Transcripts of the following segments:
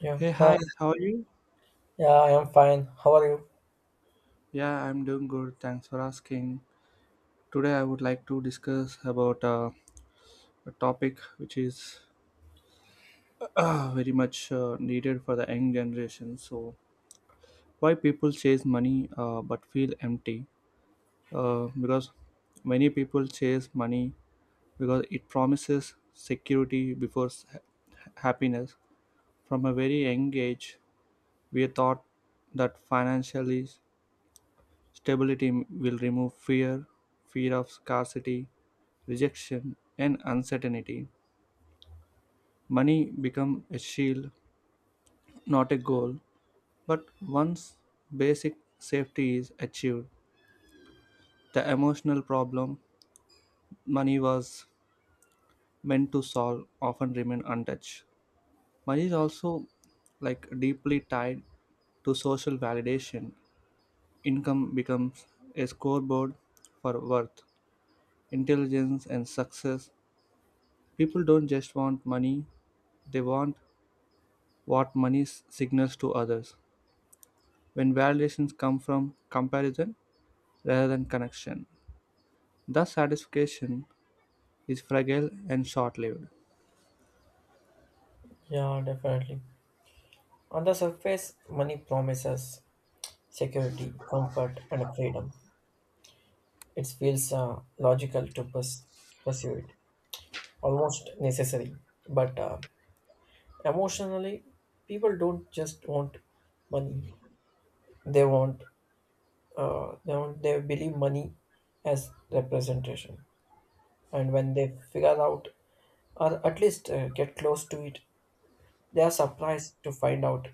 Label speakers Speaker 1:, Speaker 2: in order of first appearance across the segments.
Speaker 1: Yeah,
Speaker 2: Hey, hi, how are you?
Speaker 1: yeah, I am fine. How are you?
Speaker 2: Yeah, I'm doing good. Thanks for asking. Today, I would like to discuss about a topic which is very much needed for the young generation. So, why people chase money but feel empty? Because many people chase money because it promises security before happiness. From a very young age, we are taught that financially stability will remove fear, fear of scarcity, rejection, and uncertainty. Money becomes a shield, not a goal. But once basic safety is achieved, the emotional problem money was meant to solve often remain untouched. Money is also like deeply tied to social validation. Income becomes a scoreboard for worth, intelligence, and success. People don't just want money, they want what money signals to others. When validations come from comparison rather than connection, thus satisfaction is fragile and short lived.
Speaker 1: Yeah, definitely. On the surface, money promises security, comfort, and freedom. It feels logical to pursue it, almost necessary. But emotionally, people don't just want money. They want, they believe money as representation. And when they figure out, or at least get close to it, they are surprised to find out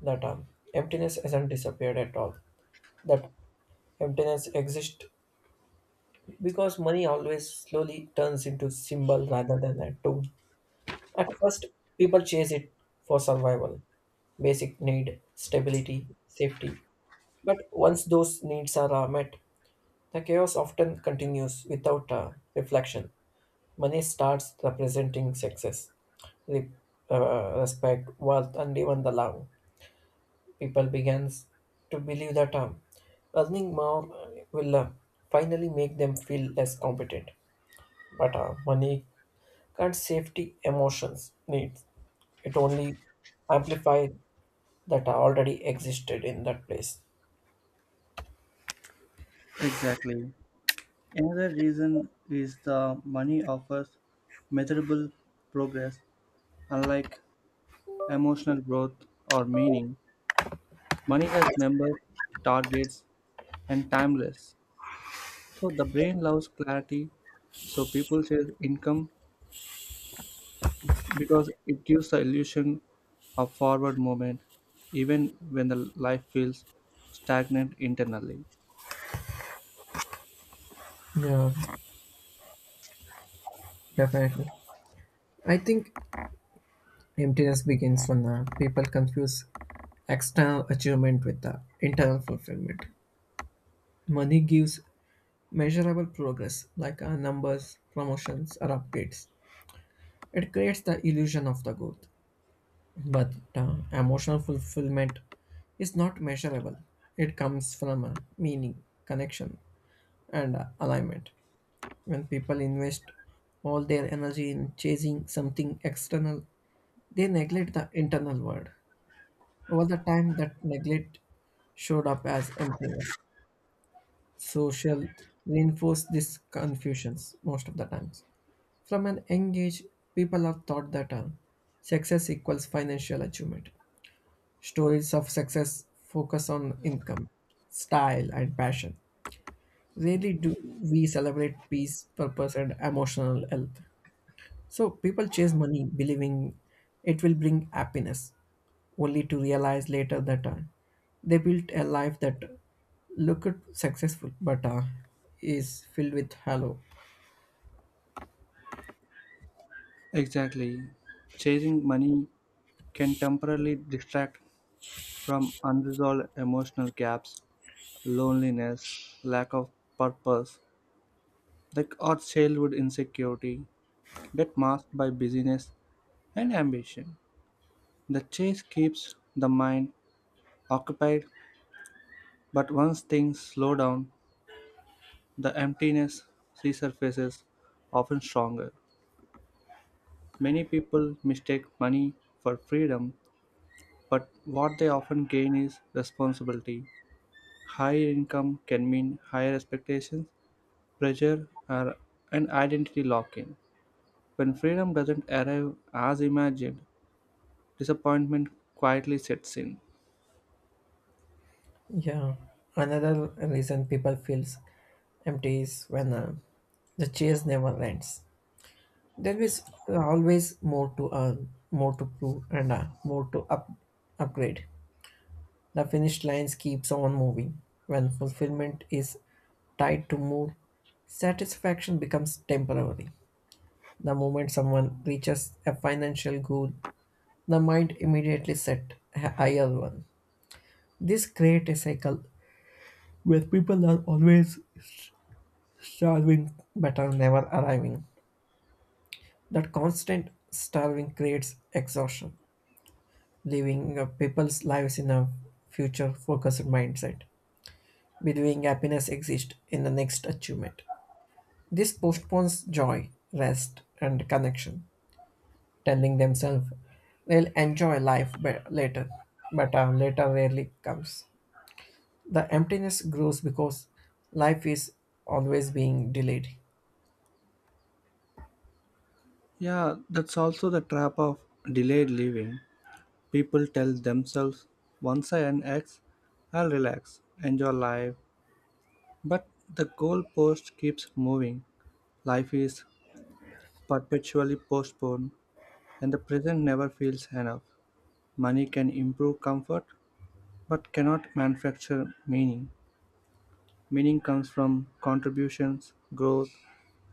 Speaker 1: the term. Emptiness hasn't disappeared at all. That emptiness exists because money always slowly turns into symbol rather than a tool. At first, people chase it for survival, basic need, stability, safety. But once those needs are met, the chaos often continues without reflection. Money starts representing success, re- respect, wealth, and even the love people begins to believe that earning more will finally make them feel less competent. But money can't safety emotions needs. It only amplifies that already existed in that place.
Speaker 2: Exactly. Another reason is the money offers measurable progress, unlike emotional growth or meaning. Money has numbers, targets, and timeless. So the brain loves clarity. So people chase income because it gives the illusion of forward movement even when the life feels stagnant internally.
Speaker 1: Yeah, definitely. I think emptiness begins when people confuse external achievement with the internal fulfillment. Money gives measurable progress like numbers, promotions, or upgrades. It creates the illusion of the good, but the emotional fulfillment is not measurable. It comes from a meaning, connection, and alignment. When people invest all their energy in chasing something external, they neglect the internal world. Over the time, that neglect showed up as emptiness. Social reinforce these confusions most of the times. From an young age, people are taught that success equals financial achievement. Stories of success focus on income, style, and passion. Rarely do we celebrate peace, purpose, and emotional health. So people chase money believing it will bring happiness, only to realize later that they built a life that looked successful but is filled with hollow.
Speaker 2: Exactly. Chasing money can temporarily distract from unresolved emotional gaps, loneliness, lack of purpose, like or childhood insecurity that masked by busyness and ambition. The chase keeps the mind occupied, but once things slow down, the emptiness resurfaces, often stronger. Many people mistake money for freedom, but what they often gain is responsibility. Higher income can mean higher expectations, pressure, or an identity lock in. When freedom doesn't arrive as imagined, disappointment quietly sets in.
Speaker 1: Yeah, another reason people feels empty is when the chase never ends. There is always more to earn, more to prove, and more to upgrade. The finish lines keeps on moving. When fulfillment is tied to more, satisfaction becomes temporary. The moment someone reaches a financial goal, the mind immediately set a higher one. This creates a cycle where people are always starving but are never arriving. That constant starving creates exhaustion living people's lives in a future focused mindset, believing happiness exists in the next achievement. This postpones joy, rest, and connection, telling themselves they'll enjoy life later, but later rarely comes. The emptiness grows because life is always being delayed.
Speaker 2: Yeah, that's also the trap of delayed living. People tell themselves, once I earn X, I'll relax, enjoy life, but the goalpost keeps moving. Life is perpetually postponed, and the present never feels enough. Money can improve comfort, but cannot manufacture meaning. Meaning comes from contributions, growth,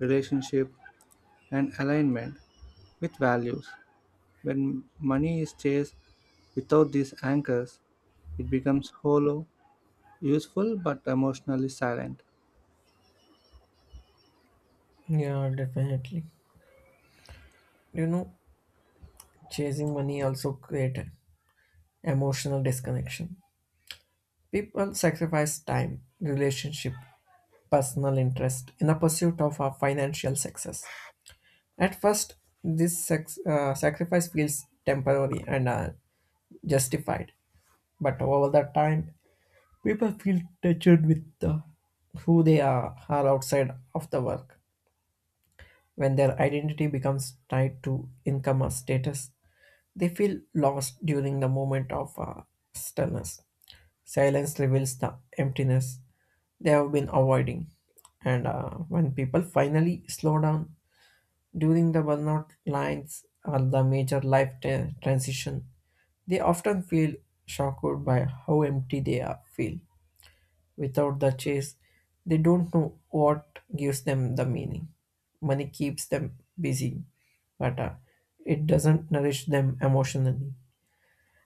Speaker 2: relationship, and alignment with values. When money is chased without these anchors, it becomes hollow, useful, but emotionally silent.
Speaker 1: Yeah, definitely. You know, chasing money also create emotional disconnection. People sacrifice time, relationship, personal interest in the pursuit of financial success. At first, this sacrifice feels temporary and justified, but over the time, people feel touched with who they are outside of the work. When their identity becomes tied to income or status, they feel lost during the moment of stillness. Silence reveals the emptiness they have been avoiding. And when people finally slow down during the burnout lines or the major life transition, they often feel shocked by how empty they are, feel. Without the chase, they don't know what gives them the meaning. Money keeps them busy, but it doesn't nourish them emotionally.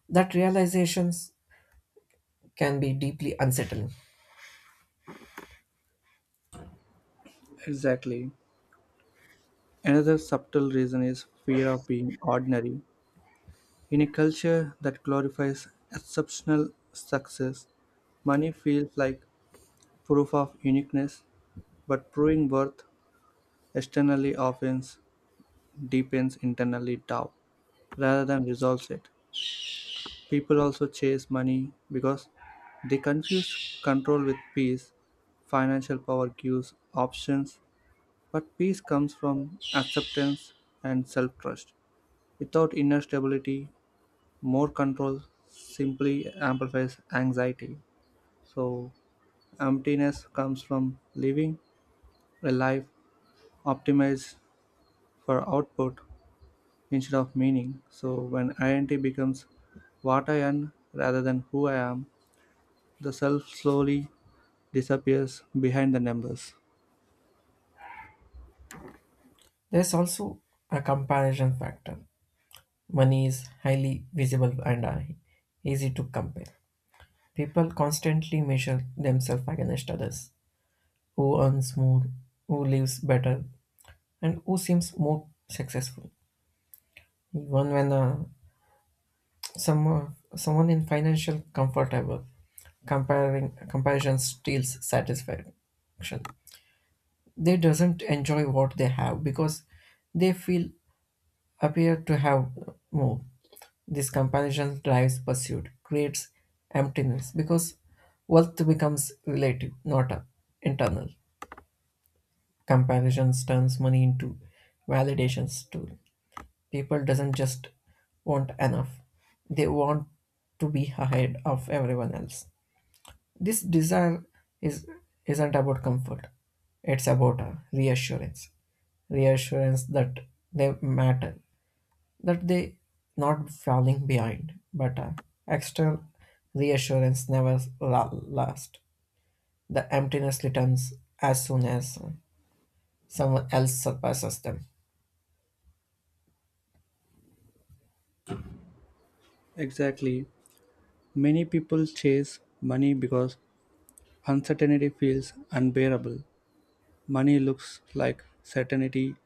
Speaker 1: That realizations can be deeply unsettling.
Speaker 2: Exactly. Another subtle reason is fear of being ordinary. In a culture that glorifies exceptional success, money feels like proof of uniqueness, but proving worth externally often deepens internally doubt rather than resolves it. People also chase money because they confuse control with peace. Financial power gives options, but peace comes from acceptance and self trust. Without inner stability, more control simply amplifies anxiety, so emptiness comes from living a life optimized for output instead of meaning. So when identity becomes what I am rather than who I am, the self slowly disappears behind the numbers.
Speaker 1: There's also a comparison factor. Money is highly visible and easy to compare. People constantly measure themselves against others who earns more, who lives better, and who seems more successful. Even when some, someone in financial comfortable, comparing comparison steals satisfaction. They doesn't enjoy what they have because they feel appear to have more. This comparison drives pursuit, creates emptiness because wealth becomes relative, not internal. Comparisons turns money into validations tool. People doesn't just want enough; they want to be ahead of everyone else. This desire is isn't about comfort; it's about a reassurance, reassurance that they matter, that they not falling behind, but external reassurance never lasts. The emptiness returns as soon as someone else surpasses them.
Speaker 2: Exactly. Many people chase money because uncertainty feels unbearable. Money looks like certainty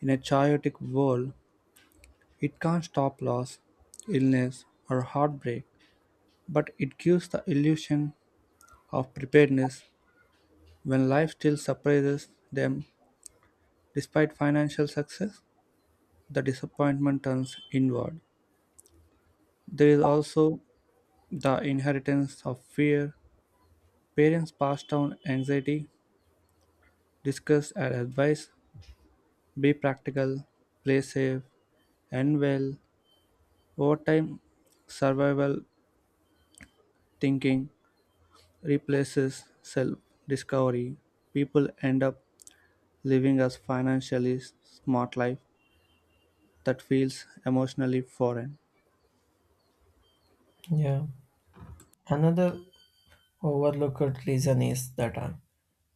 Speaker 2: in a chaotic world. It can't stop loss, illness, or heartbreak, but it gives the illusion of preparedness when life still surprises them despite financial success. The disappointment turns inward. There is also the inheritance of fear. Parents pass down anxiety, discuss and advise be practical, play safe, and well. Over time, survival thinking replaces self discovery, people end up living a financially smart life that feels emotionally foreign.
Speaker 1: Yeah. Another overlooked reason is that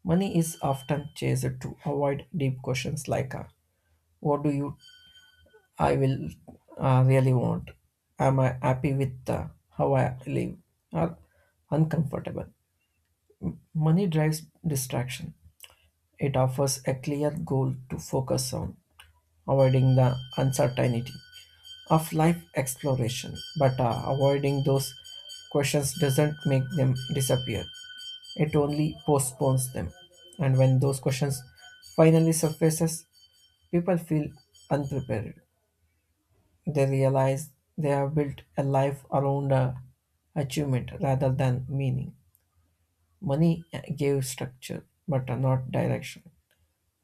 Speaker 1: money is often chased to avoid deep questions like, "What do you? I will really want? Am I happy with how I live? Or uncomfortable?" Money drives distraction. It offers a clear goal to focus on, avoiding the uncertainty of life exploration. But avoiding those questions doesn't make them disappear, it only postpones them. And when those questions finally surfaces, people feel unprepared. They realize they have built a life around a achievement rather than meaning. Money gave structure, but not direction.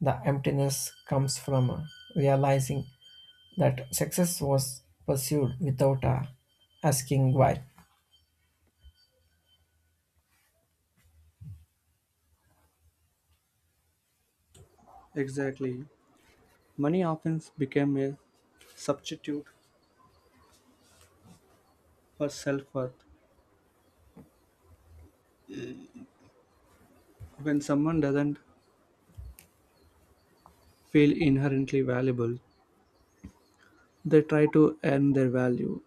Speaker 1: The emptiness comes from realizing that success was pursued without asking why.
Speaker 2: Exactly. Money often became a substitute for self worth. When someone doesn't feel inherently valuable, they try to earn their value.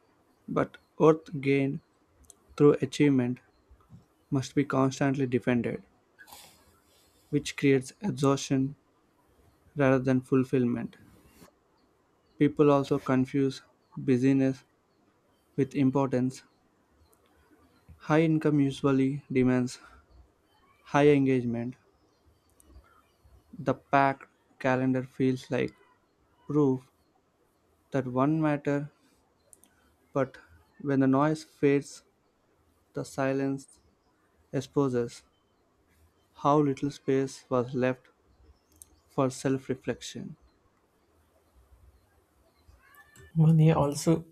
Speaker 2: But worth gained through achievement must be constantly defended, which creates exhaustion rather than fulfillment. People also confuse busyness with importance. High income usually demands high engagement. The packed calendar feels like proof that one matter, but when the noise fades, the silence exposes how little space was left for self reflection.
Speaker 1: Money also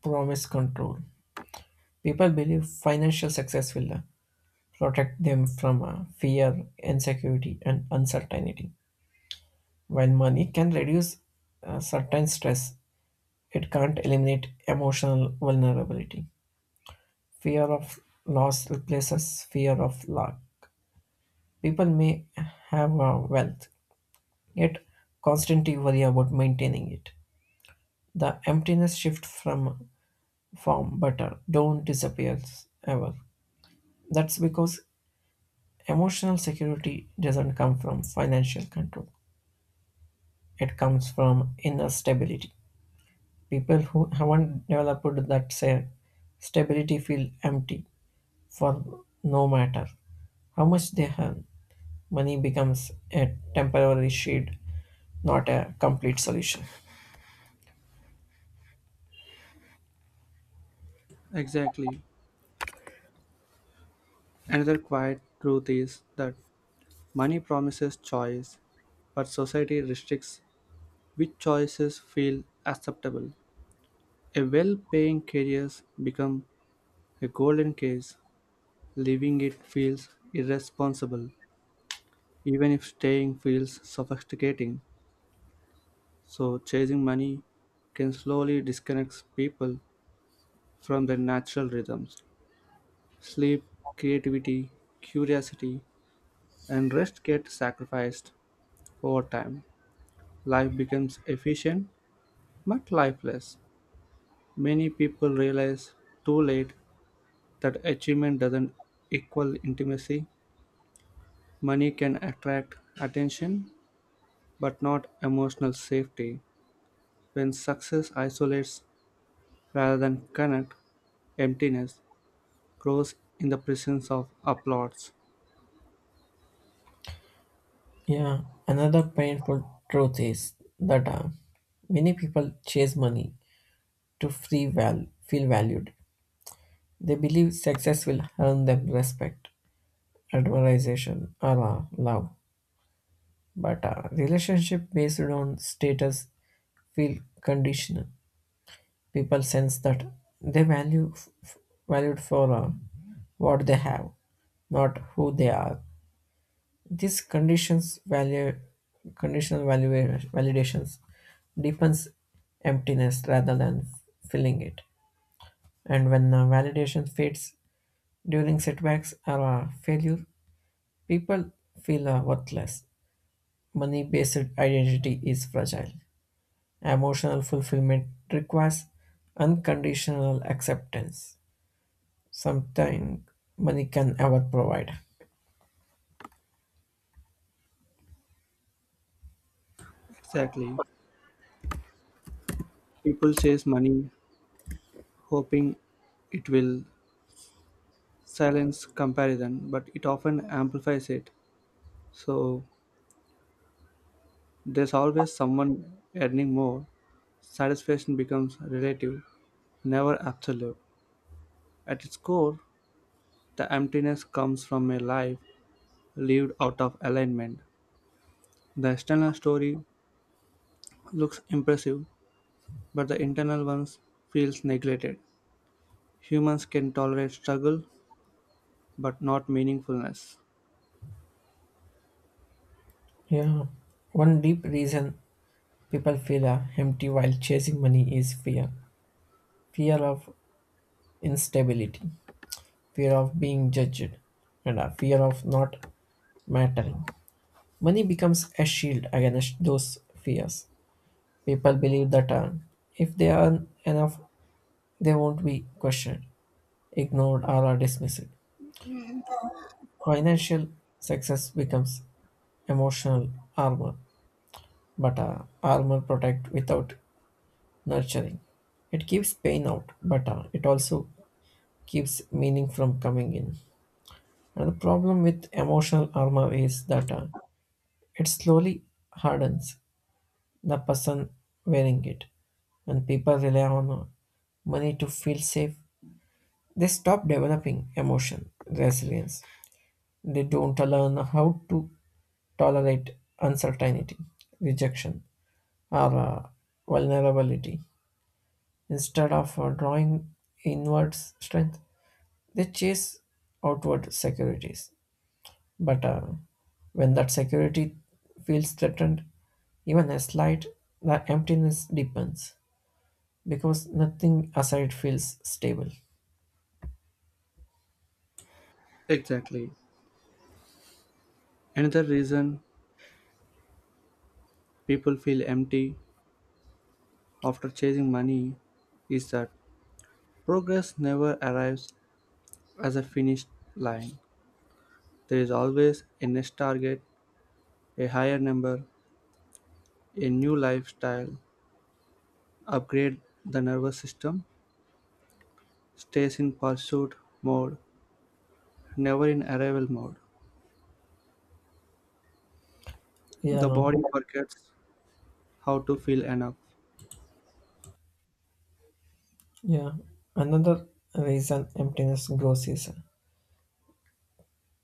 Speaker 1: promises control. People believe financial success will protect them from fear, insecurity, and uncertainty. While money can reduce certain stress, it can't eliminate emotional vulnerability. Fear of loss replaces fear of lack. People may have wealth, yet constantly worry about maintaining it. The emptiness shift from form butter don't disappear ever. That's because emotional security doesn't come from financial control. It comes from inner stability. People who haven't developed that say stability feel empty for no matter how much they have. Money becomes a temporary shade, not a complete solution.
Speaker 2: Exactly. Another quiet truth is that money promises choice, but society restricts which choices feel acceptable. A well-paying career becomes a golden case; leaving it feels irresponsible, even if staying feels suffocating. So chasing money can slowly disconnect people from their natural rhythms. Sleep, creativity, curiosity, and rest get sacrificed over time. Life becomes efficient but lifeless. Many people realize too late that achievement doesn't equal intimacy. Money can attract attention, but not emotional safety. When success isolates rather than connect, emptiness grows in the presence of applause.
Speaker 1: Yeah, another painful truth is that many people chase money to feel valued. They believe success will earn them respect, admiration, or love. But relationship based on status feel conditional. People sense that they valued for what they have, not who they are. This conditions value conditional value validations deepens emptiness rather than filling it. And when validation fades during setbacks or failure, people feel worthless. Money based identity is fragile. Emotional fulfillment requires unconditional acceptance. Something money can ever provide.
Speaker 2: Exactly. People chase money hoping it will silence comparison, but it often amplifies it. So there's always someone earning more. Satisfaction becomes relative, never absolute. At its core, the emptiness comes from a life lived out of alignment. The external story looks impressive, but the internal one feels neglected. Humans can tolerate struggle, but not meaningfulness.
Speaker 1: Yeah. One deep reason people feel empty while chasing money is fear. Fear of instability, fear of being judged, and a fear of not mattering. Money becomes a shield against those fears. People believe that if they earn enough, they won't be questioned, ignored, or are dismissed. Financial success becomes emotional armor, but armor protect without nurturing. It keeps pain out, but it also keeps meaning from coming in. And the problem with emotional armor is that it slowly hardens the person wearing it, and people rely on money to feel safe. They stop developing emotion resilience. They don't learn how to tolerate uncertainty, rejection, or vulnerability. Instead of drawing inward strength, they chase outward securities. But when that security feels threatened, even a slight, the emptiness deepens because nothing aside feels stable.
Speaker 2: Exactly. Another reason people feel empty after chasing money is that progress never arrives as a finished line. There is always a next target, a higher number, a new lifestyle, upgrade the nervous system, stays in pursuit mode never in arrival mode. The
Speaker 1: Yeah,
Speaker 2: body forgets how to feel enough.
Speaker 1: yeah. Another reason emptiness grows is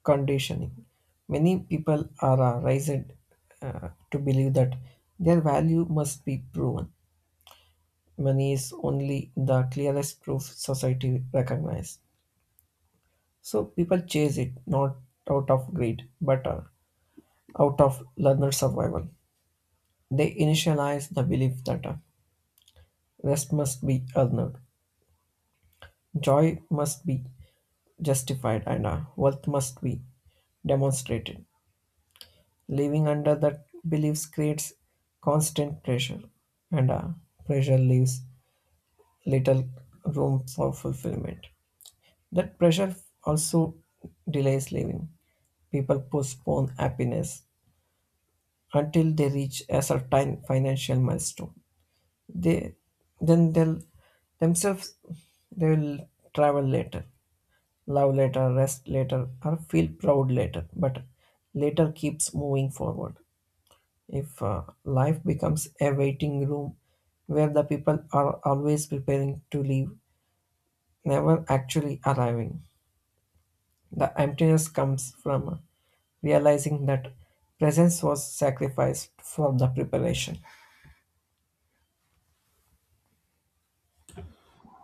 Speaker 1: conditioning. Many people are raised to believe that their value must be proven. Money is only the clearest proof society recognizes. So people chase it not out of greed, but out of learner survival, they initialize the belief that rest must be earned, joy must be justified, and wealth must be demonstrated. Living under that beliefs creates constant pressure, and pressure leaves little room for fulfillment. That pressure also delays living. People postpone happiness until they reach a certain financial milestone they then they'll themselves they'll travel later love later rest later or feel proud later but later keeps moving forward if life becomes a waiting room where the people are always preparing to leave never actually arriving the emptiness comes from realizing that presence was sacrificed for the preparation.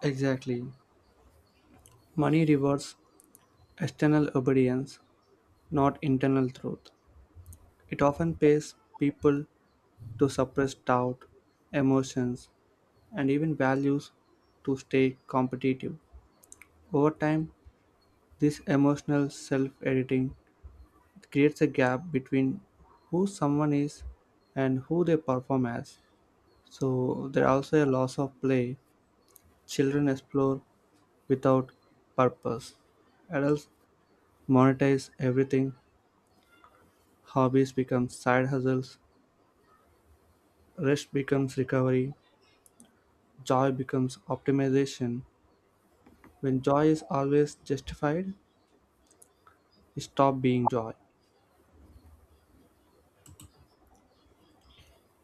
Speaker 2: Exactly. Money rewards external obedience, not internal truth. It often pays people to suppress doubt, emotions, and even values to stay competitive. Over time, this emotional self-editing creates a gap between who someone is and who they perform as. So there are also a loss of play. Children explore without purpose. Adults monetize everything. Hobbies become side hustles, rest becomes recovery, joy becomes optimization. When joy is always justified, it stop being joy.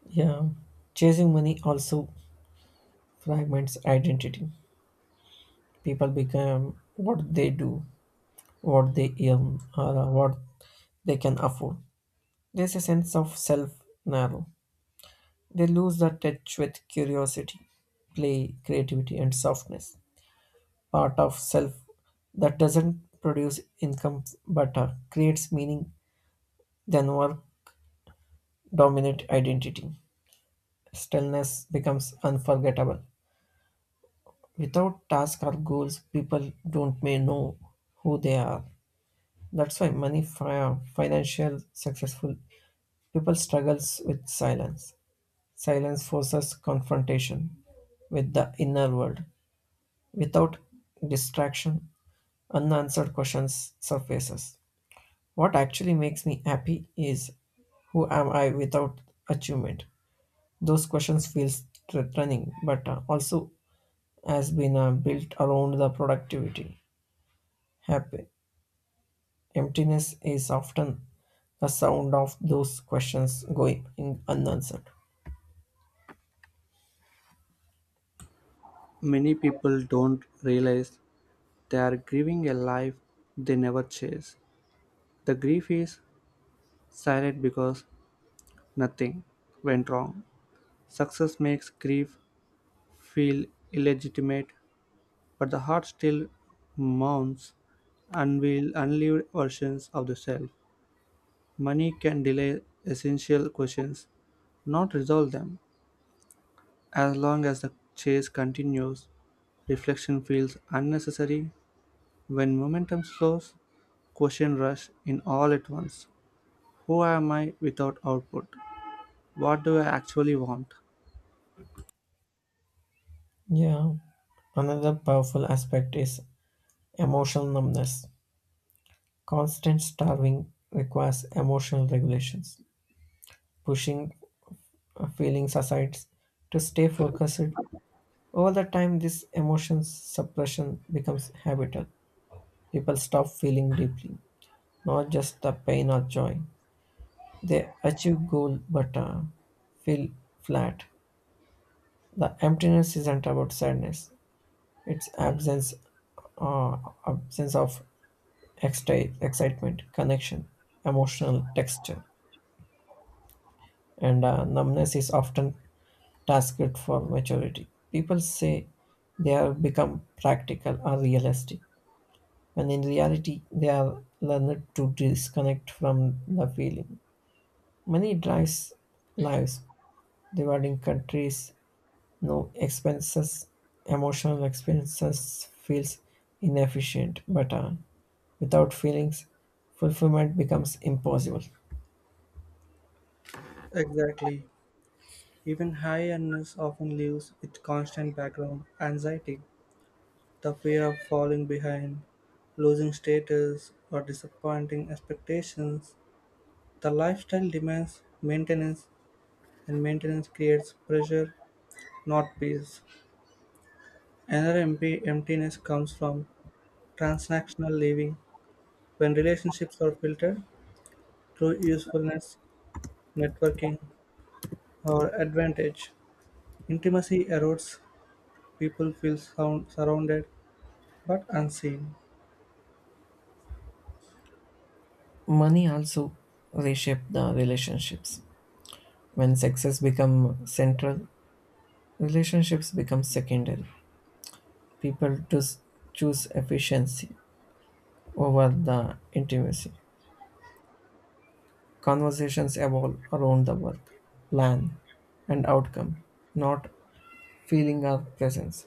Speaker 1: Yeah, chasing money also fragments identity. People become what they do, what they earn, or what they can afford. There's a sense of self narrow. They lose the touch with curiosity, play, creativity, and softness. Part of self that doesn't produce income but creates meaning than our dominant identity. Stillness becomes unforgettable. Without tasks or goals, people don't may know who they are. That's why many financial successful people struggles with silence. Silence forces confrontation with the inner world. Without distraction, unanswered questions surfaces. What actually makes me happy is who am I without achievement? Those questions feel threatening, but also has been built around the productivity, happy. Emptiness is often the sound of those questions unanswered.
Speaker 2: Many people don't realize they are grieving a life they never chase. The grief is silent because nothing went wrong. Success makes grief feel illegitimate but the heart still mounts unveiled, unlived versions of the self. Money can delay essential questions, not resolve them. As long as the chase continues, reflection feels unnecessary. When momentum slows, question rush in all at once. Who am I without output? What do I actually want?
Speaker 1: Yeah, another powerful aspect is emotional numbness. Constant starving requires emotional regulations, pushing feelings aside to stay focused. Over the time, this emotion suppression becomes habitual. People stop feeling deeply, not just the pain or joy. They achieve goal but feel flat. The emptiness isn't about sadness; it's absence, uh, absence of excitement, connection, emotional texture, and numbness is often tasked for maturity. People say they have become practical or realistic, when in reality they are learned to disconnect from the feeling. Many drives lives dividing countries. No expenses, emotional experiences feels inefficient, but without feelings, fulfillment becomes impossible.
Speaker 2: Exactly. Even high earners often lives with constant background anxiety. The fear of falling behind, losing status, or disappointing expectations. The lifestyle demands maintenance, and maintenance creates pressure, not peace. Another empty emptiness comes from transactional living when relationships are filtered through usefulness, networking, or advantage. Intimacy erodes, people feel sound, surrounded but unseen.
Speaker 1: Money also reshape the relationships. When success become central, relationships become secondary. People just choose efficiency over the intimacy. Conversations evolve around the work, plan, and outcome, not feeling our presence.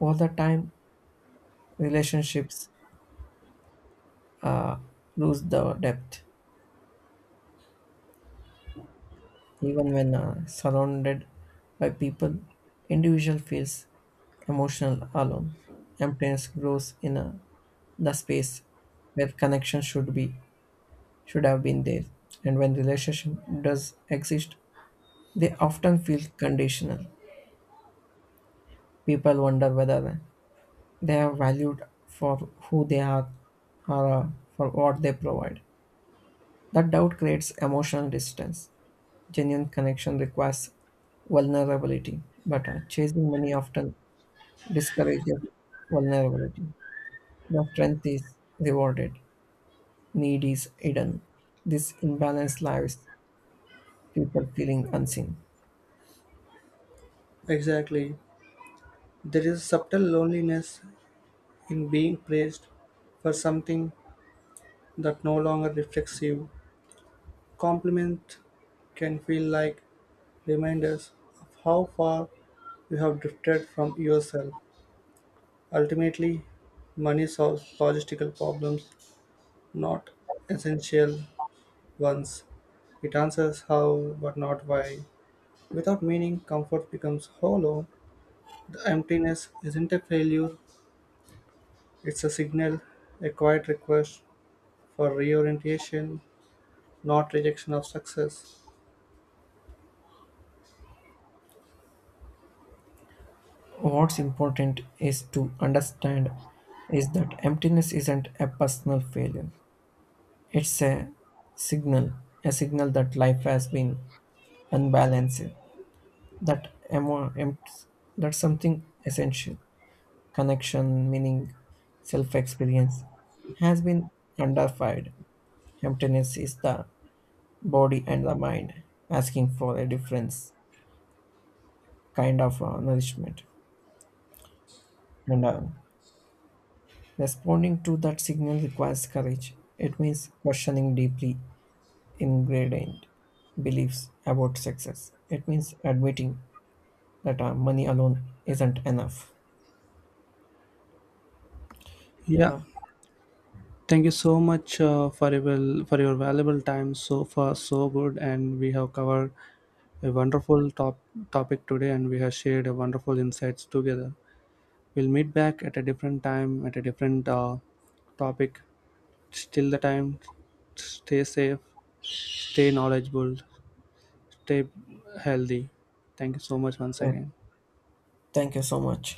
Speaker 1: All the time, relationships uh, lose the depth even when surrounded by people individual feels emotional alone emptiness grows in the space where connection should be should have been there and when relationship does exist they often feel conditional people wonder whether they are valued for who they are or for what they provide that doubt creates emotional distance. Genuine connection requires vulnerability, but chasing money often discourages vulnerability. The strength is rewarded, need is hidden. This imbalance leaves people feeling unseen.
Speaker 2: Exactly. There is subtle loneliness in being praised for something that no longer reflects you. Compliments can feel like reminders of how far you have drifted from yourself. Ultimately, money solves logistical problems, not essential ones. It answers how, but not why. Without meaning, comfort becomes hollow. The emptiness isn't a failure, it's a signal, a quiet request for reorientation not rejection of success.
Speaker 1: What's important is to understand is that emptiness isn't a personal failure. It's signal, a signal that life has been unbalanced. That that's something essential. Connection, meaning, self experience, has been underfied. Emptiness is the body and the mind asking for a different kind of nourishment. And responding to that signal requires courage. It means questioning deeply ingrained beliefs about success. It means admitting that money alone isn't enough.
Speaker 2: Yeah,
Speaker 1: Yeah.
Speaker 2: thank you so much for your for your valuable time so far, so good, and we have covered a wonderful topic today, and we have shared a wonderful insights together. We'll meet back at a different time at a different topic. Till the time, stay safe, stay knowledgeable, stay healthy. Thank you so much once
Speaker 1: Yeah.
Speaker 2: again.
Speaker 1: Thank you so much.